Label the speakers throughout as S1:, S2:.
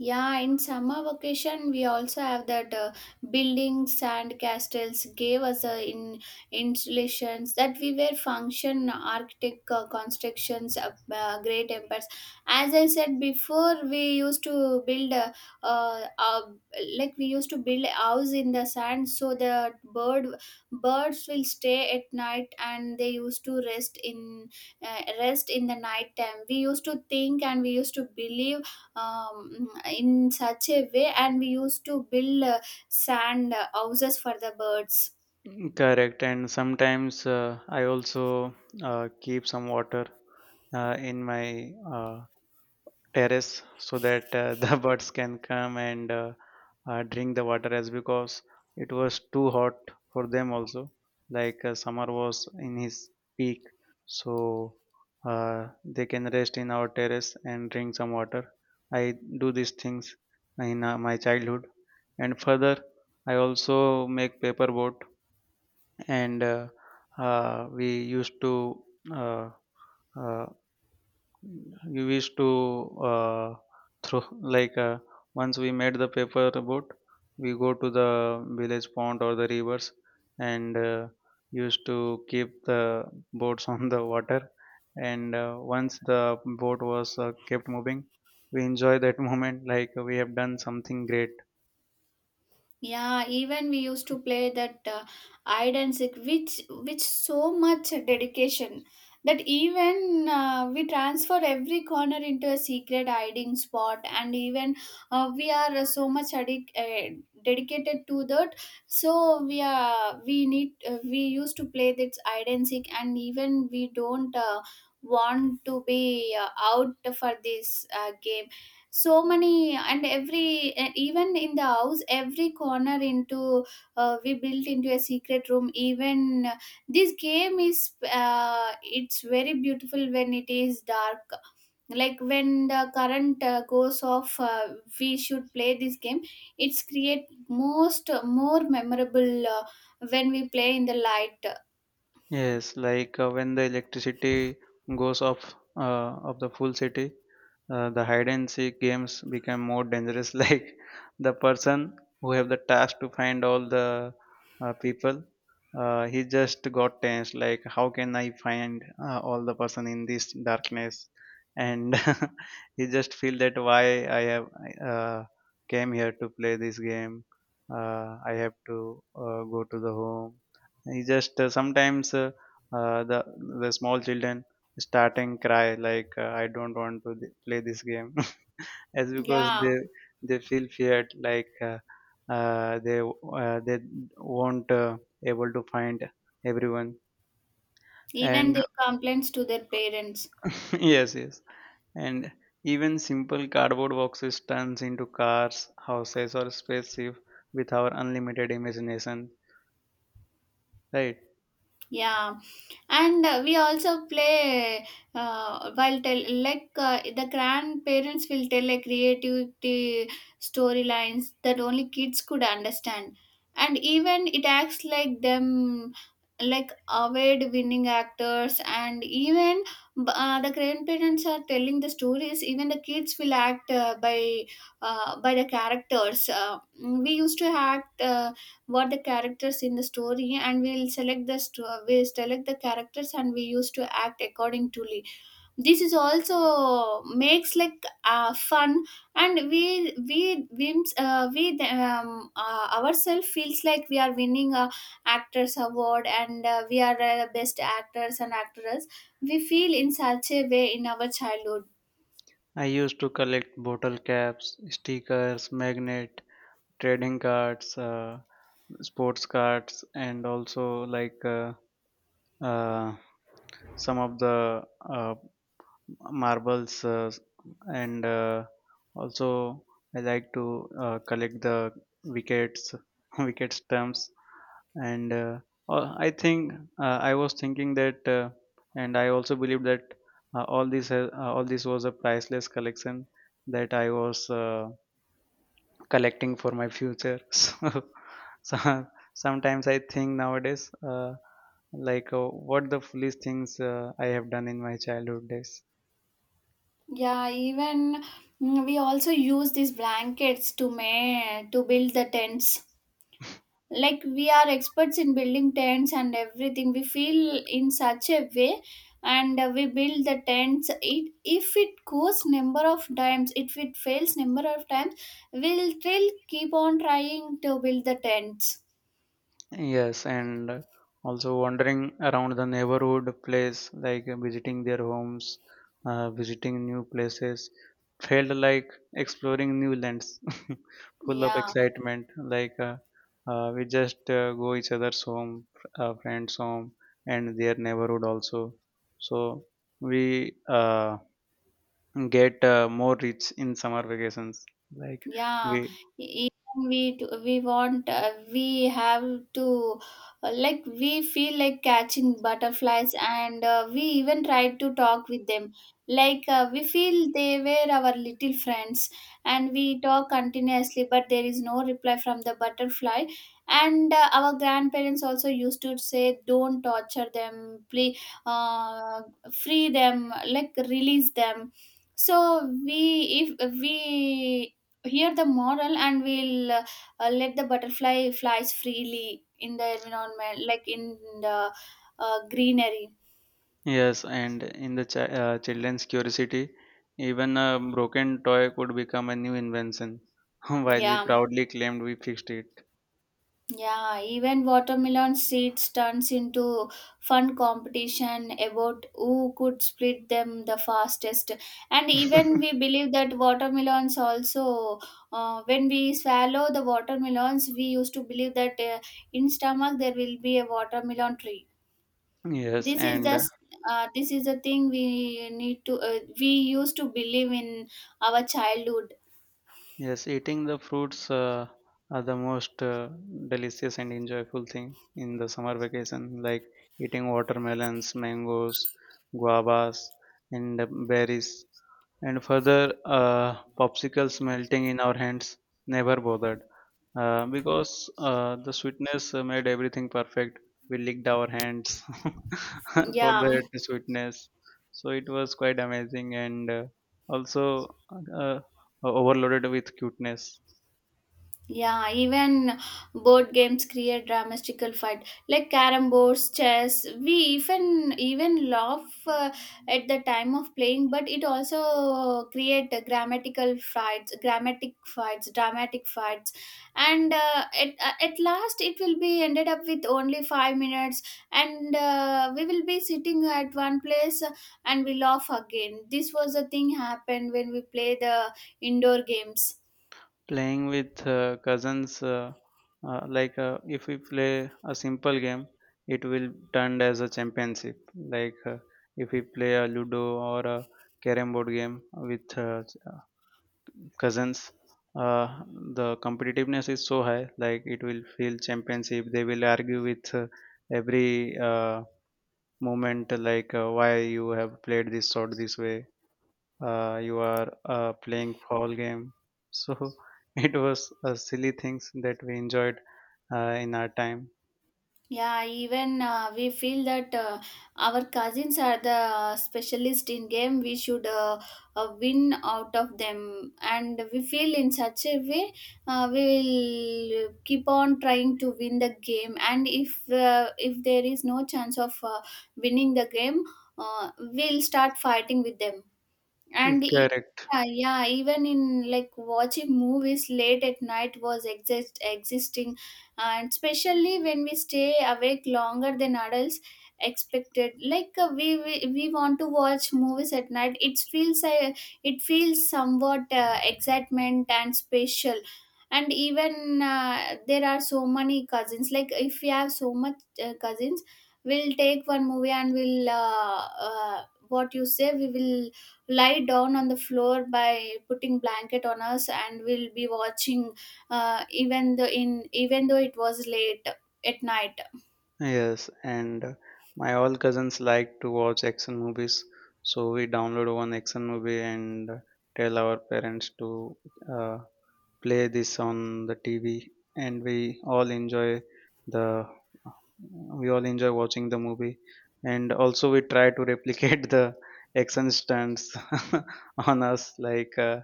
S1: Yeah, in summer vacation, we also have that buildings and castles gave us in installations that we were function architect constructions great empires. As I said before, we used to build uh, uh, like we used to build a house in the sand so the birds will stay at night and they used to rest in rest in the night time. We used to think and we used to believe um, in such a way and we used to build sand houses for the birds.
S2: Correct, and sometimes I also keep some water in my terrace so that the birds can come and drink the water as because it was too hot for them also. Like summer was in his peak, so they can rest in our terrace and drink some water. I do these things in my childhood, and further, I also make paper boat and uh, we used to uh, uh, we used to throw, like once we made the paper boat, we go to the village pond or the rivers and used to keep the boats on the water. And once the boat was kept moving, we enjoy that moment, like we have done something great.
S1: Yeah, even we used to play that hide and seek, which so much dedication that even we transfer every corner into a secret hiding spot, and even we are so much dedicated to that. So we are we need we used to play this hide and seek, and even we don't want to be out for this game so many and every even in the house every corner into we built into a secret room even this game is it's very beautiful when it is dark like when the current goes off. We should play this game. It's create most more memorable when we play in the light.
S2: Yes, like when the electricity goes off of the full city, the hide and seek games become more dangerous. Like the person who have the task to find all the people, he just got tense. Like, how can I find all the person in this darkness? And he just feel that, why I have uh, came here to play this game? I have to go to the home. He just sometimes uh, the the small children starting cry, like I don't want to play this game, as because
S1: Yeah,
S2: they feel feared, like they won't able to find everyone.
S1: even
S2: And
S1: they complaints to their parents.
S2: yes, yes. And even simple cardboard boxes turns into cars, houses, or spaceship with our unlimited imagination, right?
S1: Yeah, and we also play while tell like the grandparents will tell a creativity storylines that only kids could understand, and even it acts like them like award winning actors, and even the grandparents are telling the stories. Even the kids will act by the characters. We used to act. What the characters in the story and we'll select we select the characters and we used to act according to Lee. This is also makes like fun and we we, we ourselves feels like we are winning a actors award and we are best actors and actresses. We feel in such a way in our childhood.
S2: I used to collect bottle caps, stickers, magnet, trading cards, sports cards, and also, like uh, some of the uh, marbles, and also I like to collect the wickets, wicket stumps. And I think, uh, I was thinking that, and I also believe that all this was a priceless collection that I was, collecting for my future. So, so- Sometimes I think nowadays, uh, like, what the foolish things I have done in my childhood days.
S1: Yeah, even we also use these blankets to make to build the tents like we are experts in building tents and everything we feel in such a way, and we build the tents. It if it goes number of times, if it fails number of times, we'll still keep on trying to build the tents.
S2: Yes, and also wandering around the neighborhood place, like visiting their homes, visiting new places, felt like exploring new lands, full of
S1: Yeah.
S2: excitement. Like we just go each other's home, friends' home, and their neighborhood also. So we get more rich in summer vacations. Like,
S1: Yeah,
S2: we.
S1: even we we want we have to like we feel like catching butterflies and we even tried to talk with them. We feel they were our little friends and we talk continuously, but there is no reply from the butterfly. And our grandparents also used to say, "Don't torture them, please, uh, free them, like release them." So we if we here the moral and we'll let the butterfly flies freely in the environment like in the greenery.
S2: Yes, and in the children's curiosity, even a broken toy could become a new invention, while we
S1: Yeah,
S2: proudly claimed we fixed it.
S1: yeah, even watermelon seeds turns into fun competition about who could split them the fastest, and even we believe that watermelons also when we swallow the watermelons we used to believe that in stomach there will be a watermelon tree.
S2: Yes,
S1: this is
S2: and
S1: the s- this is the thing we need to we used to believe in our childhood.
S2: yes, eating the fruits are the most delicious and enjoyable thing in the summer vacation, like eating watermelons, mangoes, guavas, and berries. And further, popsicles melting in our hands never bothered, because the sweetness made everything perfect. We licked our hands for
S1: Yeah.
S2: that sweetness. So it was quite amazing and also uh, uh, overloaded with cuteness.
S1: Yeah, even board games create dramatical fight like carrom boards, chess. We even laugh at the time of playing, but it also create a grammatical fights, grammatic fights, dramatic fights, and at last it will be ended up with only 5 minutes, and we will be sitting at one place and we laugh again. This was the thing happened when we play the indoor games.
S2: Playing with cousins, like if we play a simple game, it will turned as a championship. Like if we play a Ludo or a carrom board game with cousins, uh, the competitiveness is so high. Like it will feel championship. They will argue with every moment, like why you have played this sort, this way. You are playing foul game. So it was silly things that we enjoyed in our time.
S1: Yeah, even we feel that our cousins are the specialist in game. We should win out of them, and we feel in such a way we will keep on trying to win the game. And if there is no chance of winning the game, we'll start fighting with them. And e-
S2: Correct.
S1: yeah, yeah, even in like watching movies late at night was existing, and especially when we stay awake longer than adults expected. We, we want to watch movies at night. It feels somewhat excitement and special. And even there are so many cousins. Like if we have so much cousins, we'll take one movie and we'll what you say we will lie down on the floor by putting blanket on us and we'll be watching even though in even though it was late at night.
S2: Yes, and my all cousins like to watch action movies, so we download one action movie and tell our parents to uh, play this on the TV, and we all the enjoy watching the movie. And also we try to replicate the action stunts on us. Like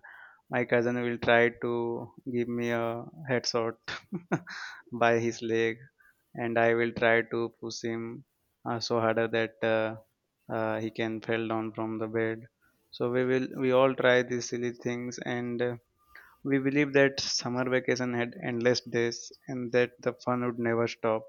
S2: my cousin will try to give me a headshot by his leg, and I will try to push him so harder that he can fall down from the bed. So we all try these silly things, and we believe that summer vacation had endless days and that the fun would never stop.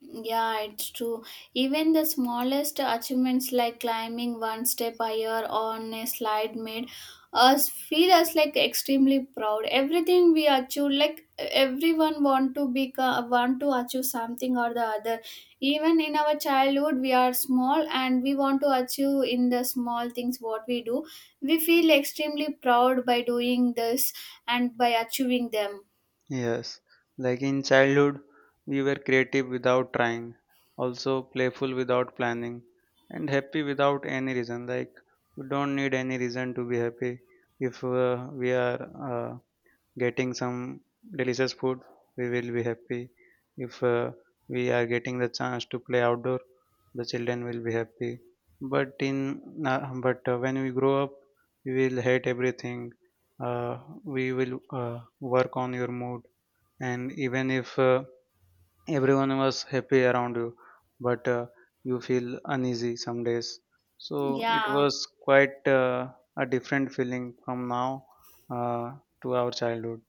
S1: Yeah, it's true. Even the smallest achievements like climbing one step higher on a slide made us feel us like extremely proud. Everything we achieve, like everyone want to become, want to achieve something or the other. Even in our childhood, we are small and we want to achieve in the small things what we do. We feel extremely proud by doing this and by achieving them.
S2: Yes, like in childhood, we were creative without trying, also playful without planning, and happy without any reason. Like, we don't need any reason to be happy if we are. Uh, Getting some delicious food, we will be happy. If we are getting the chance to play outdoor, the children will be happy. But in uh, but when we grow up, we will hate everything. uh, we will uh, work on your mood. And even if everyone was happy around you, but you feel uneasy some days. So it
S1: Yeah.
S2: was quite a different feeling from now uh, to our childhood.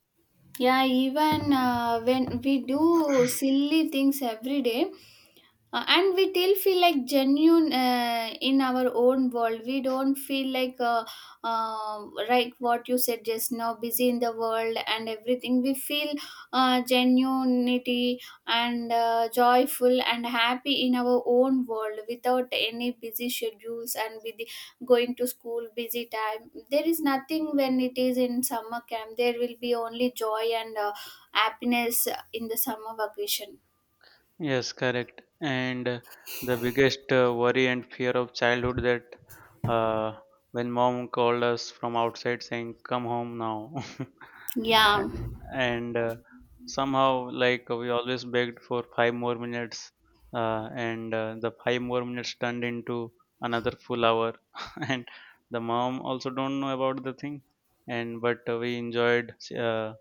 S1: Yeah, even when we do silly things every day, and we still feel like genuine in our own world. We don't feel like what you said just now busy in the world and everything we feel genuinity and joyful and happy in our own world without any busy schedules and with going to school busy time, there is nothing. When it is in summer camp there will be only joy and happiness in the summer vacation.
S2: Yes, correct. And the biggest worry and fear of childhood, that when mom called us from outside saying, "Come home now,"
S1: Yeah.
S2: and, and somehow, like we always begged for 5 more minutes, and the 5 more minutes turned into another full hour, and the mom also don't know about the thing. And but we enjoyed uh,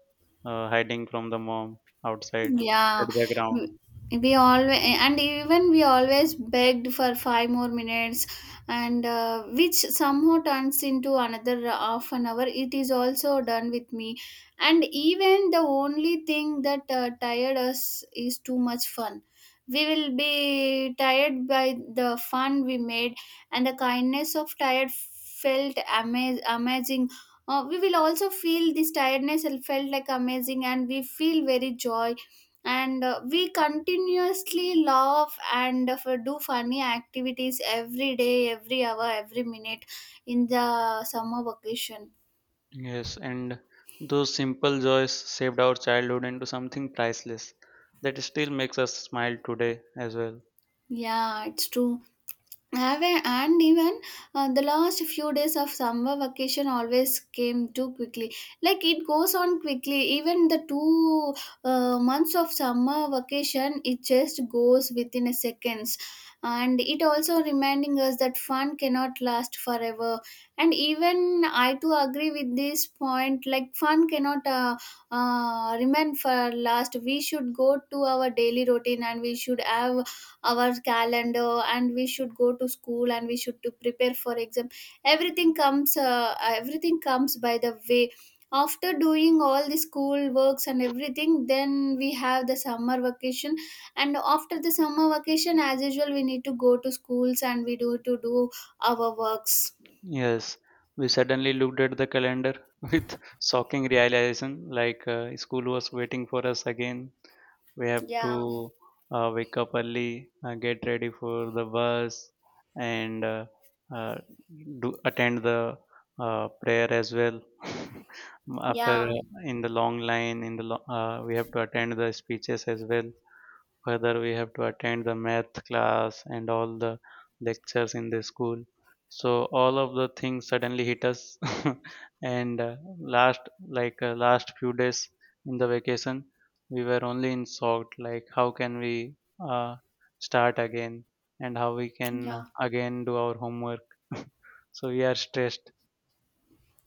S2: uh, hiding from the mom outside,
S1: Yeah,
S2: at the ground.
S1: we we always and even we always begged for 5 more minutes, and which somehow turns into another half an hour. It is also done with me, and even the only thing that tired us is too much fun. We will be tired by the fun we made, and the kindness of tired felt amazing. We will also feel this tiredness and felt like amazing, and we feel very joy and we continuously laugh and do funny activities every day, every hour, every minute in the summer vacation.
S2: Yes, and those simple joys saved our childhood into something priceless that still makes us smile today as well.
S1: Yeah, it's true. Have a, and even the last few days of summer vacation always came too quickly, like it goes on quickly. Even the two months of summer vacation, it just goes within a seconds, and it also reminding us that fun cannot last forever. And even I too agree with this point like fun cannot remain for last. We should go to our daily routine and we should have our calendar and we should go to school and we should to prepare for exam. Everything comes everything comes by the way. After doing all the school works and everything, then we have the summer vacation, and after the summer vacation as usual we need to go to schools and we do to do our works.
S2: Yes, we suddenly looked at the calendar with shocking realization, like school was waiting for us again. We have
S1: Yeah.
S2: to wake up early, get ready for the bus, and uh, do attend the prayer as well. After
S1: Yeah.
S2: In the long line, in the we have to attend the speeches as well. Further, we have to attend the math class and all the lectures in the school. So all of the things suddenly hit us, and last few days in the vacation, we were only in shock. Like, how can we uh, start again, and how we can
S1: Yeah.
S2: again do our homework? So we are stressed.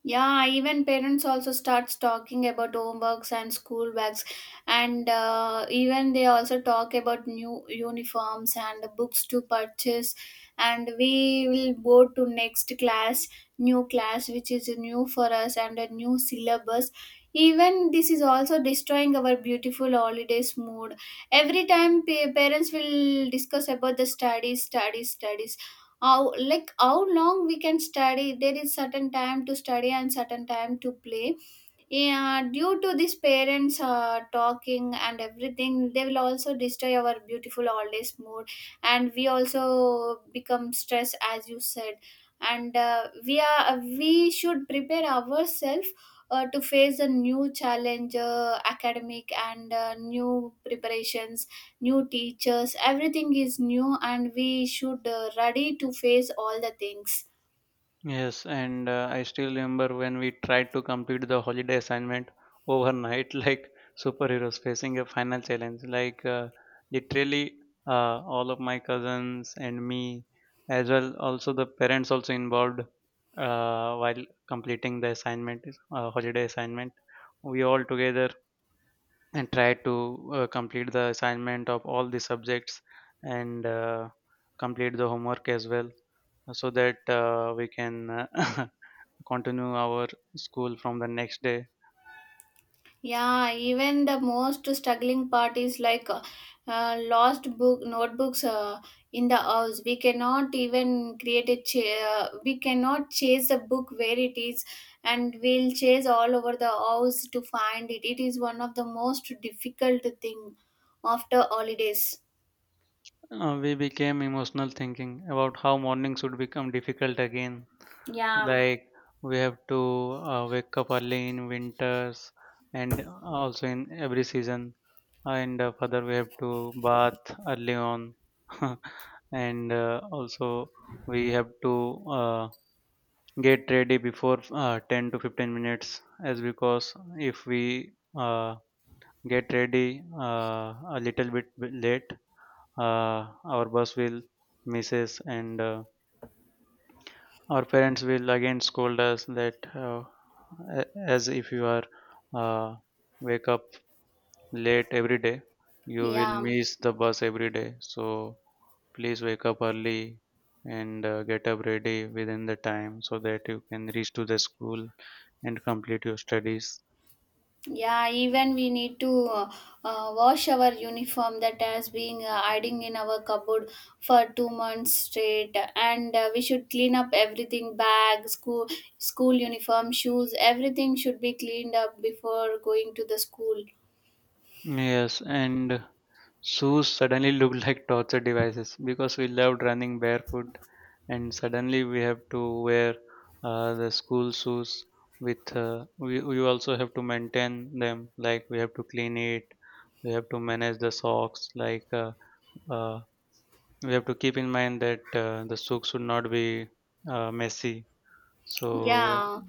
S1: Yeah, even parents also starts talking about homeworks and school bags, and even they also talk about new uniforms and books to purchase. And we will go to next class, new class, which is new for us and a new syllabus. Even this is also destroying our beautiful holidays mood. Every time parents will discuss about the studies, studies, studies. How like how long we can study? There is certain time to study and certain time to play. Yeah, due to these parents talking and everything they will also destroy our beautiful holidays mood, and we also become stressed as you said. And we are we should prepare ourselves to face a new challenge academic and new preparations, new teachers. Everything is new and we should ready to face all the things.
S2: Yes, and I still remember when we tried to complete the holiday assignment overnight, like superheroes facing a final challenge. Like literally, all of my cousins and me, as well, also the parents also involved while completing the assignment, holiday assignment. We all together and tried to complete the assignment of all the subjects and complete the homework as well, so that we can continue our school from the next day.
S1: Yeah, even the most struggling part is like lost book notebooks in the house. We cannot even create a chair. We cannot chase the book where it is, and we'll chase all over the house to find it. It is one of the most difficult thing after holidays.
S2: We became emotional thinking about how morning should become difficult again.
S1: Yeah,
S2: Like, we have to wake up early in winters and also in every season. And further, we have to bath early on, and also we have to get ready before 10 to 15 minutes, as because if we get ready a little bit late, our bus will miss us, and our parents will again scold us that, as if you are uh, wake up late every day, you will
S1: yeah.
S2: miss the bus every day, so please wake up early and get up ready within the time so that you can reach to the school and complete your studies.
S1: Yeah, even we need to wash our uniform that has been hiding in our cupboard for 2 months straight, and we should clean up everything, bag, school, school uniform, shoes, everything should be cleaned up before going to the school.
S2: Yes, and shoes suddenly looked like torture devices because we loved running barefoot, and suddenly we have to wear the school shoes. With We also have to maintain them, like we have to clean it, we have to manage the socks. Like uh, we have to keep in mind that the socks should not be messy. So,
S1: Yeah,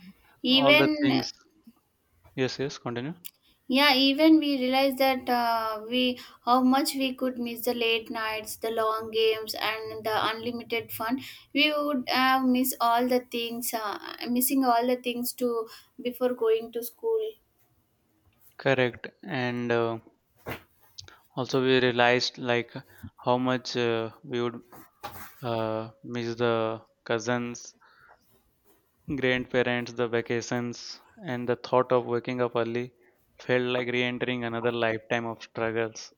S2: all the
S1: even.
S2: things. Yes, yes. Continue.
S1: Yeah, even we realized that we how much we could miss the late nights, the long games, and the unlimited fun. We would miss all the things, missing all the things to before going to school.
S2: Correct. And also we realized, like how much we would miss the cousins, grandparents, the vacations, and the thought of waking up early felt like re entering another lifetime of struggles.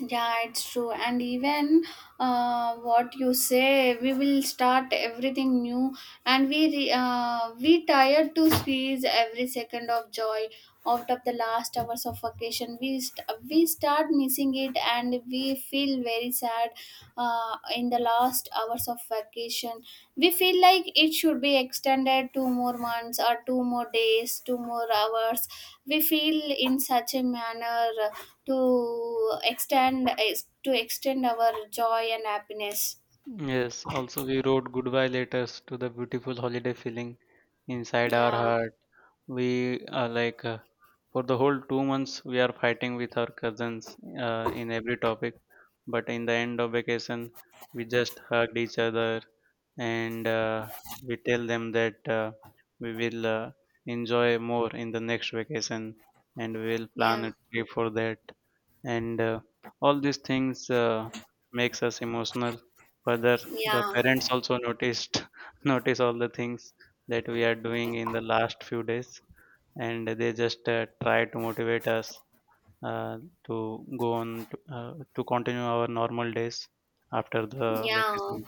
S1: Yeah, it's true. And even what you say, we will start everything new, and we we tired to squeeze every second of joy out of the last hours of vacation. We start missing it, and we feel very sad in the last hours of vacation. We feel like it should be extended 2 more months, or 2 more days, 2 more hours. We feel in such a manner, to extend our joy and happiness.
S2: Yes, also, we wrote goodbye letters to the beautiful holiday feeling inside our
S1: Yeah,
S2: heart. We are like, for the whole 2 months, we are fighting with our cousins in every topic, but in the end of vacation, we just hugged each other and we tell them that we will enjoy more in the next vacation, and we will
S1: yeah,
S2: plan a trip for that. And all these things makes us emotional. Further, the
S1: yeah,
S2: parents also noticed notice all the things that we are doing in the last few days, and they just try to motivate us uh, to go on to continue our normal days after the
S1: yeah,
S2: vacation.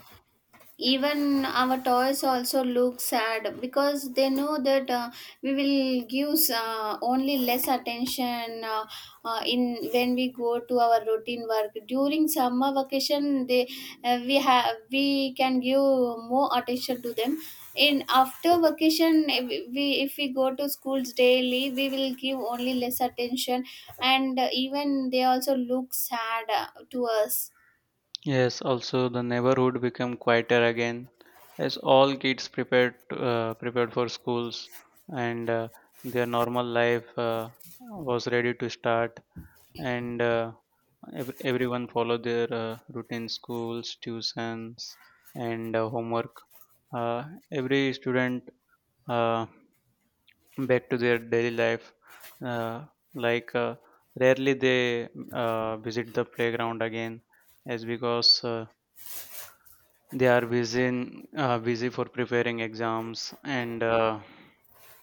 S1: even our toys also look sad because they know that we will give only less attention. In when we go to our routine work during summer vacation, they we have we can give more attention to them. In after vacation, if we, if we go to schools daily, we will give only less attention, and even they also look sad to us.
S2: Yes, also the neighborhood became quieter again as all kids prepared for schools, and their normal life was ready to start, and everyone followed their routine schools, tuitions, and homework. Uh, every student uh, back to their daily life uh, like uh, rarely they visit the playground again as because they are busy for preparing exams and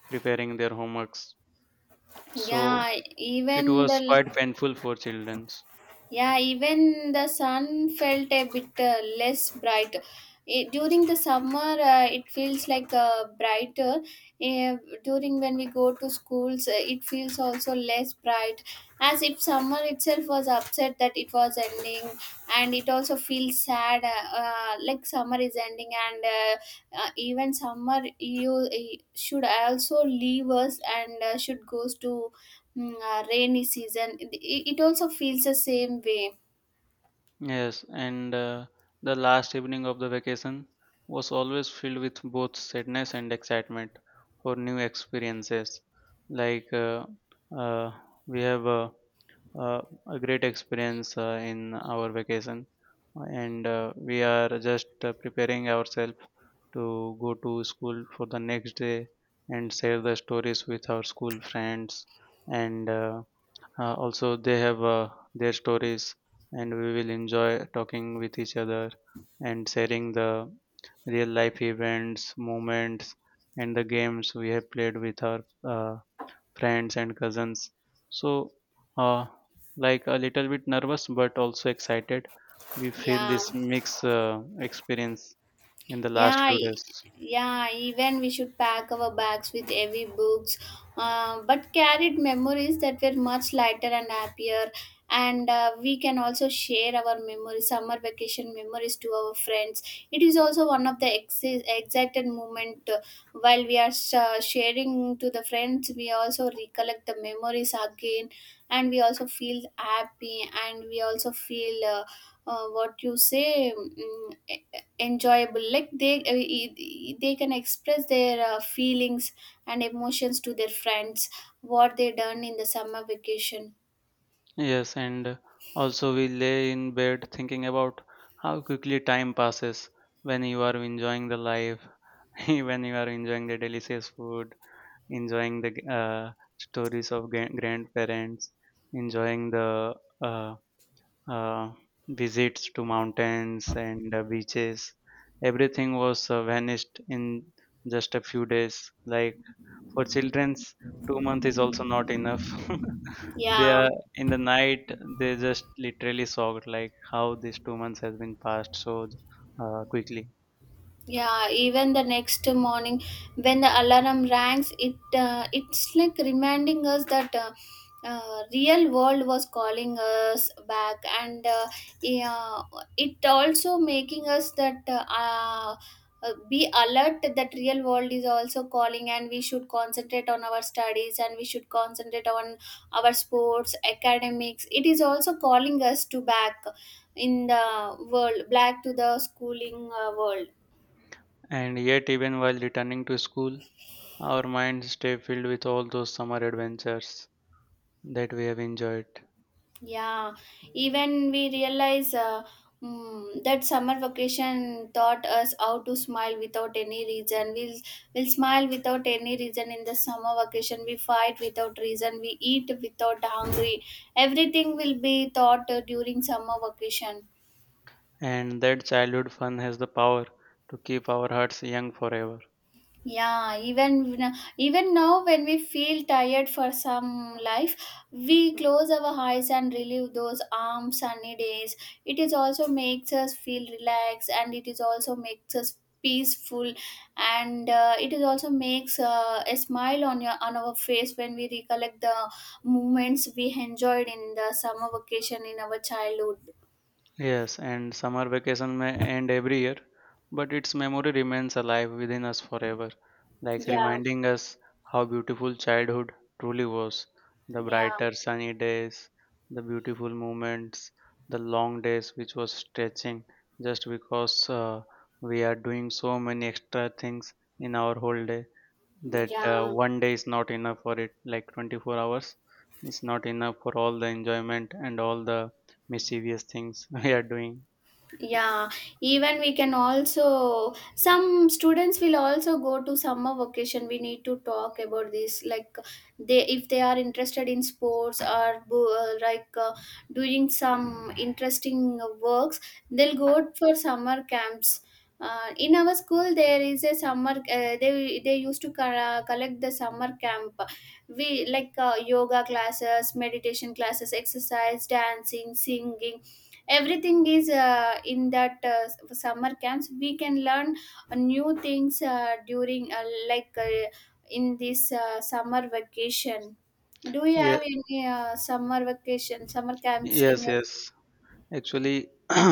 S2: preparing their homeworks, so
S1: yeah
S2: it
S1: even the
S2: was quite painful for children.
S1: Yeah, even the sun felt a bit less bright. During the summer, it feels like brighter. Uh, During when we go to schools, it feels also less bright, as if summer itself was upset that it was ending, and it also feels sad, like summer is ending, and even summer, you should also leave us, and should goes to rainy season. It also feels the same way.
S2: Yes, and the last evening of the vacation was always filled with both sadness and excitement for new experiences. Like uh, we have uh, a great experience in our vacation, and we are just preparing ourselves to go to school for the next day and share the stories with our school friends And also, they have their stories, and we will enjoy talking with each other and sharing the real life events, moments, and the games we have played with our uh, friends and cousins. So, uh, like a little bit nervous but also excited. We feel
S1: Yeah,
S2: this mix experience in the last
S1: yeah,
S2: few days.
S1: yeah, even we should pack our bags with heavy books, but carried memories that were much lighter and happier. And we can also share our memories, summer vacation memories, to our friends. It is also one of the excited moment, while we are sharing to the friends, we also recollect the memories again, and we also feel happy, and we also feel, what you say, enjoyable. Like they can express their feelings and emotions to their friends, what they done in the summer vacation.
S2: Yes, and also we lay in bed thinking about how quickly time passes when you are enjoying the life, when you are enjoying the delicious food, enjoying the stories of grandparents, enjoying the uh, uh, visits to mountains and beaches. Everything was vanished in just a few days. Like for children's, 2 months is also not enough. They
S1: yeah
S2: are in the night. They just literally shocked, like how these 2 months has been passed so quickly.
S1: Yeah, even the next morning when the alarm rings, it's like reminding us that, real world was calling us back, and, yeah, it also making us that, be alert that real world is also calling, and we should concentrate on our studies, and we should concentrate on our sports, academics. It is also calling us to back in the world, back to the schooling world.
S2: And yet, even while returning to school, our minds stay filled with all those summer adventures that we have enjoyed.
S1: Yeah, even we realize, that summer vacation taught us how to smile without any reason. We'll smile without any reason in the summer vacation. We fight without reason. We eat without hungry. Everything will be taught during summer vacation.
S2: And that childhood fun has the power to keep our hearts young forever.
S1: Yeah, even even now when we feel tired for some life, we close our eyes and relive those warm sunny days. It is also makes us feel relaxed, and it is also makes us peaceful, and it is also makes a smile on your on our face when we recollect the moments we enjoyed in the summer vacation in our childhood.
S2: Yes, and summer vacation may end every year, but its memory remains alive within us forever, like
S1: Yeah,
S2: reminding us how beautiful childhood truly was. The
S1: yeah,
S2: brighter sunny days, the beautiful moments, the long days which was stretching just because we are doing so many extra things in our whole day, that
S1: yeah.
S2: one day is not enough for it, like 24 hours is not enough for all the enjoyment and all the mischievous things we are doing.
S1: Yeah, even we can also some students will also go to summer vacation. We need to talk about this, like they if they are interested in sports, or like doing some interesting works, they'll go for summer camps. In our school, there is a summer. They used to collect the summer camp. We like, yoga classes, meditation classes, exercise, dancing, singing, everything is in that summer camps we can learn new things, during, like uh, in this summer vacation, do you
S2: Yeah,
S1: have any summer vacation summer camps in
S2: yes,
S1: your
S2: yes. Actually,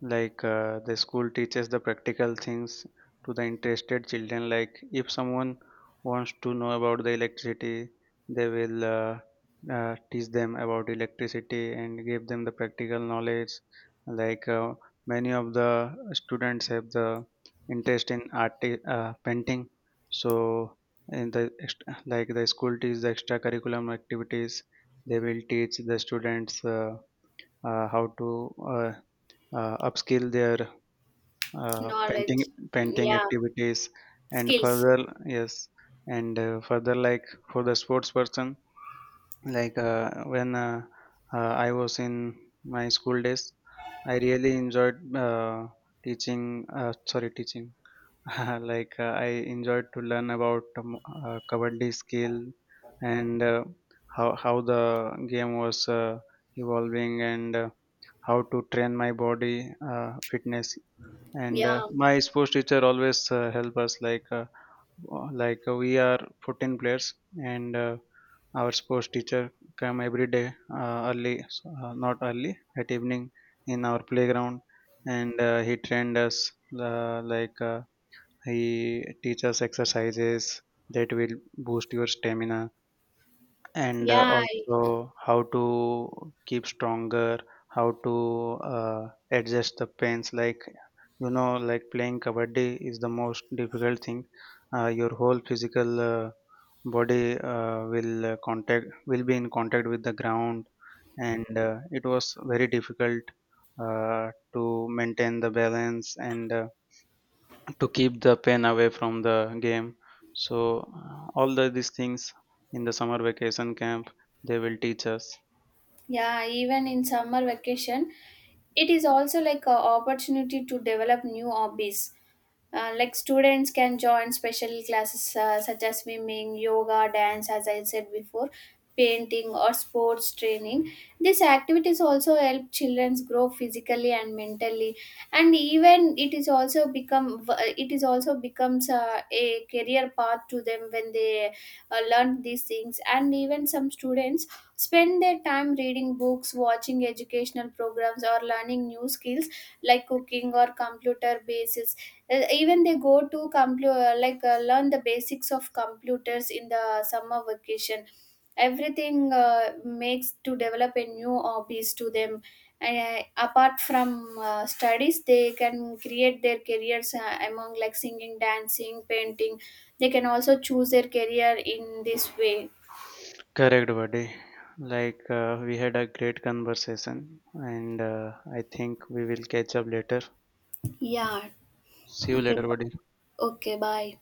S2: the school teaches the practical things to the interested children. Like if someone wants to know about the electricity, they will teach them about electricity and give them the practical knowledge. Like uh, many of the students have the interest in art, painting, so like the school teaches the extracurriculum activities. They will teach the students. How to uh, upskill their painting,
S1: knowledge?
S2: painting
S1: Yeah.
S2: activities and
S1: Skills.
S2: further. Yes, and further, like for the sports person, like when I was in my school days, I really enjoyed uh, teaching teaching, I enjoyed to learn about kabaddi skill, and how the game was evolving, and how to train my body, fitness, and
S1: Yeah,
S2: uh, my sports teacher always help us, we are 14 players, and our sports teacher come every day, early not early, at evening, in our playground, and he trained us, uh, like uh, he teaches exercises that will boost your stamina, and
S1: yeah,
S2: also how to keep stronger, how to adjust the pains. Like, you know, like playing kabaddi is the most difficult thing, your whole physical body will contact, will be in contact with the ground, and it was very difficult to maintain the balance, and to keep the pen away from the game. So, all these things in the summer vacation camp they will teach us.
S1: yeah. Even in summer vacation, it is also like an opportunity to develop new hobbies. Like students can join special classes, such as swimming, yoga, dance, as I said before, painting, or sports training. These activities also help children grow physically and mentally, and even it is also becomes a career path to them when they learn these things. And even some students spend their time reading books, watching educational programs, or learning new skills like cooking or computer basis. Even they go to computer, like learn the basics of computers in the summer vacation. Everything makes to develop a new hobbies to them. And apart from studies, they can create their careers among like singing, dancing, painting. They can also choose their career in this way.
S2: Correct, buddy. We had a great conversation, and I think we will catch up later.
S1: Yeah.
S2: See you
S1: Okay.
S2: later, buddy.
S1: Okay. Bye.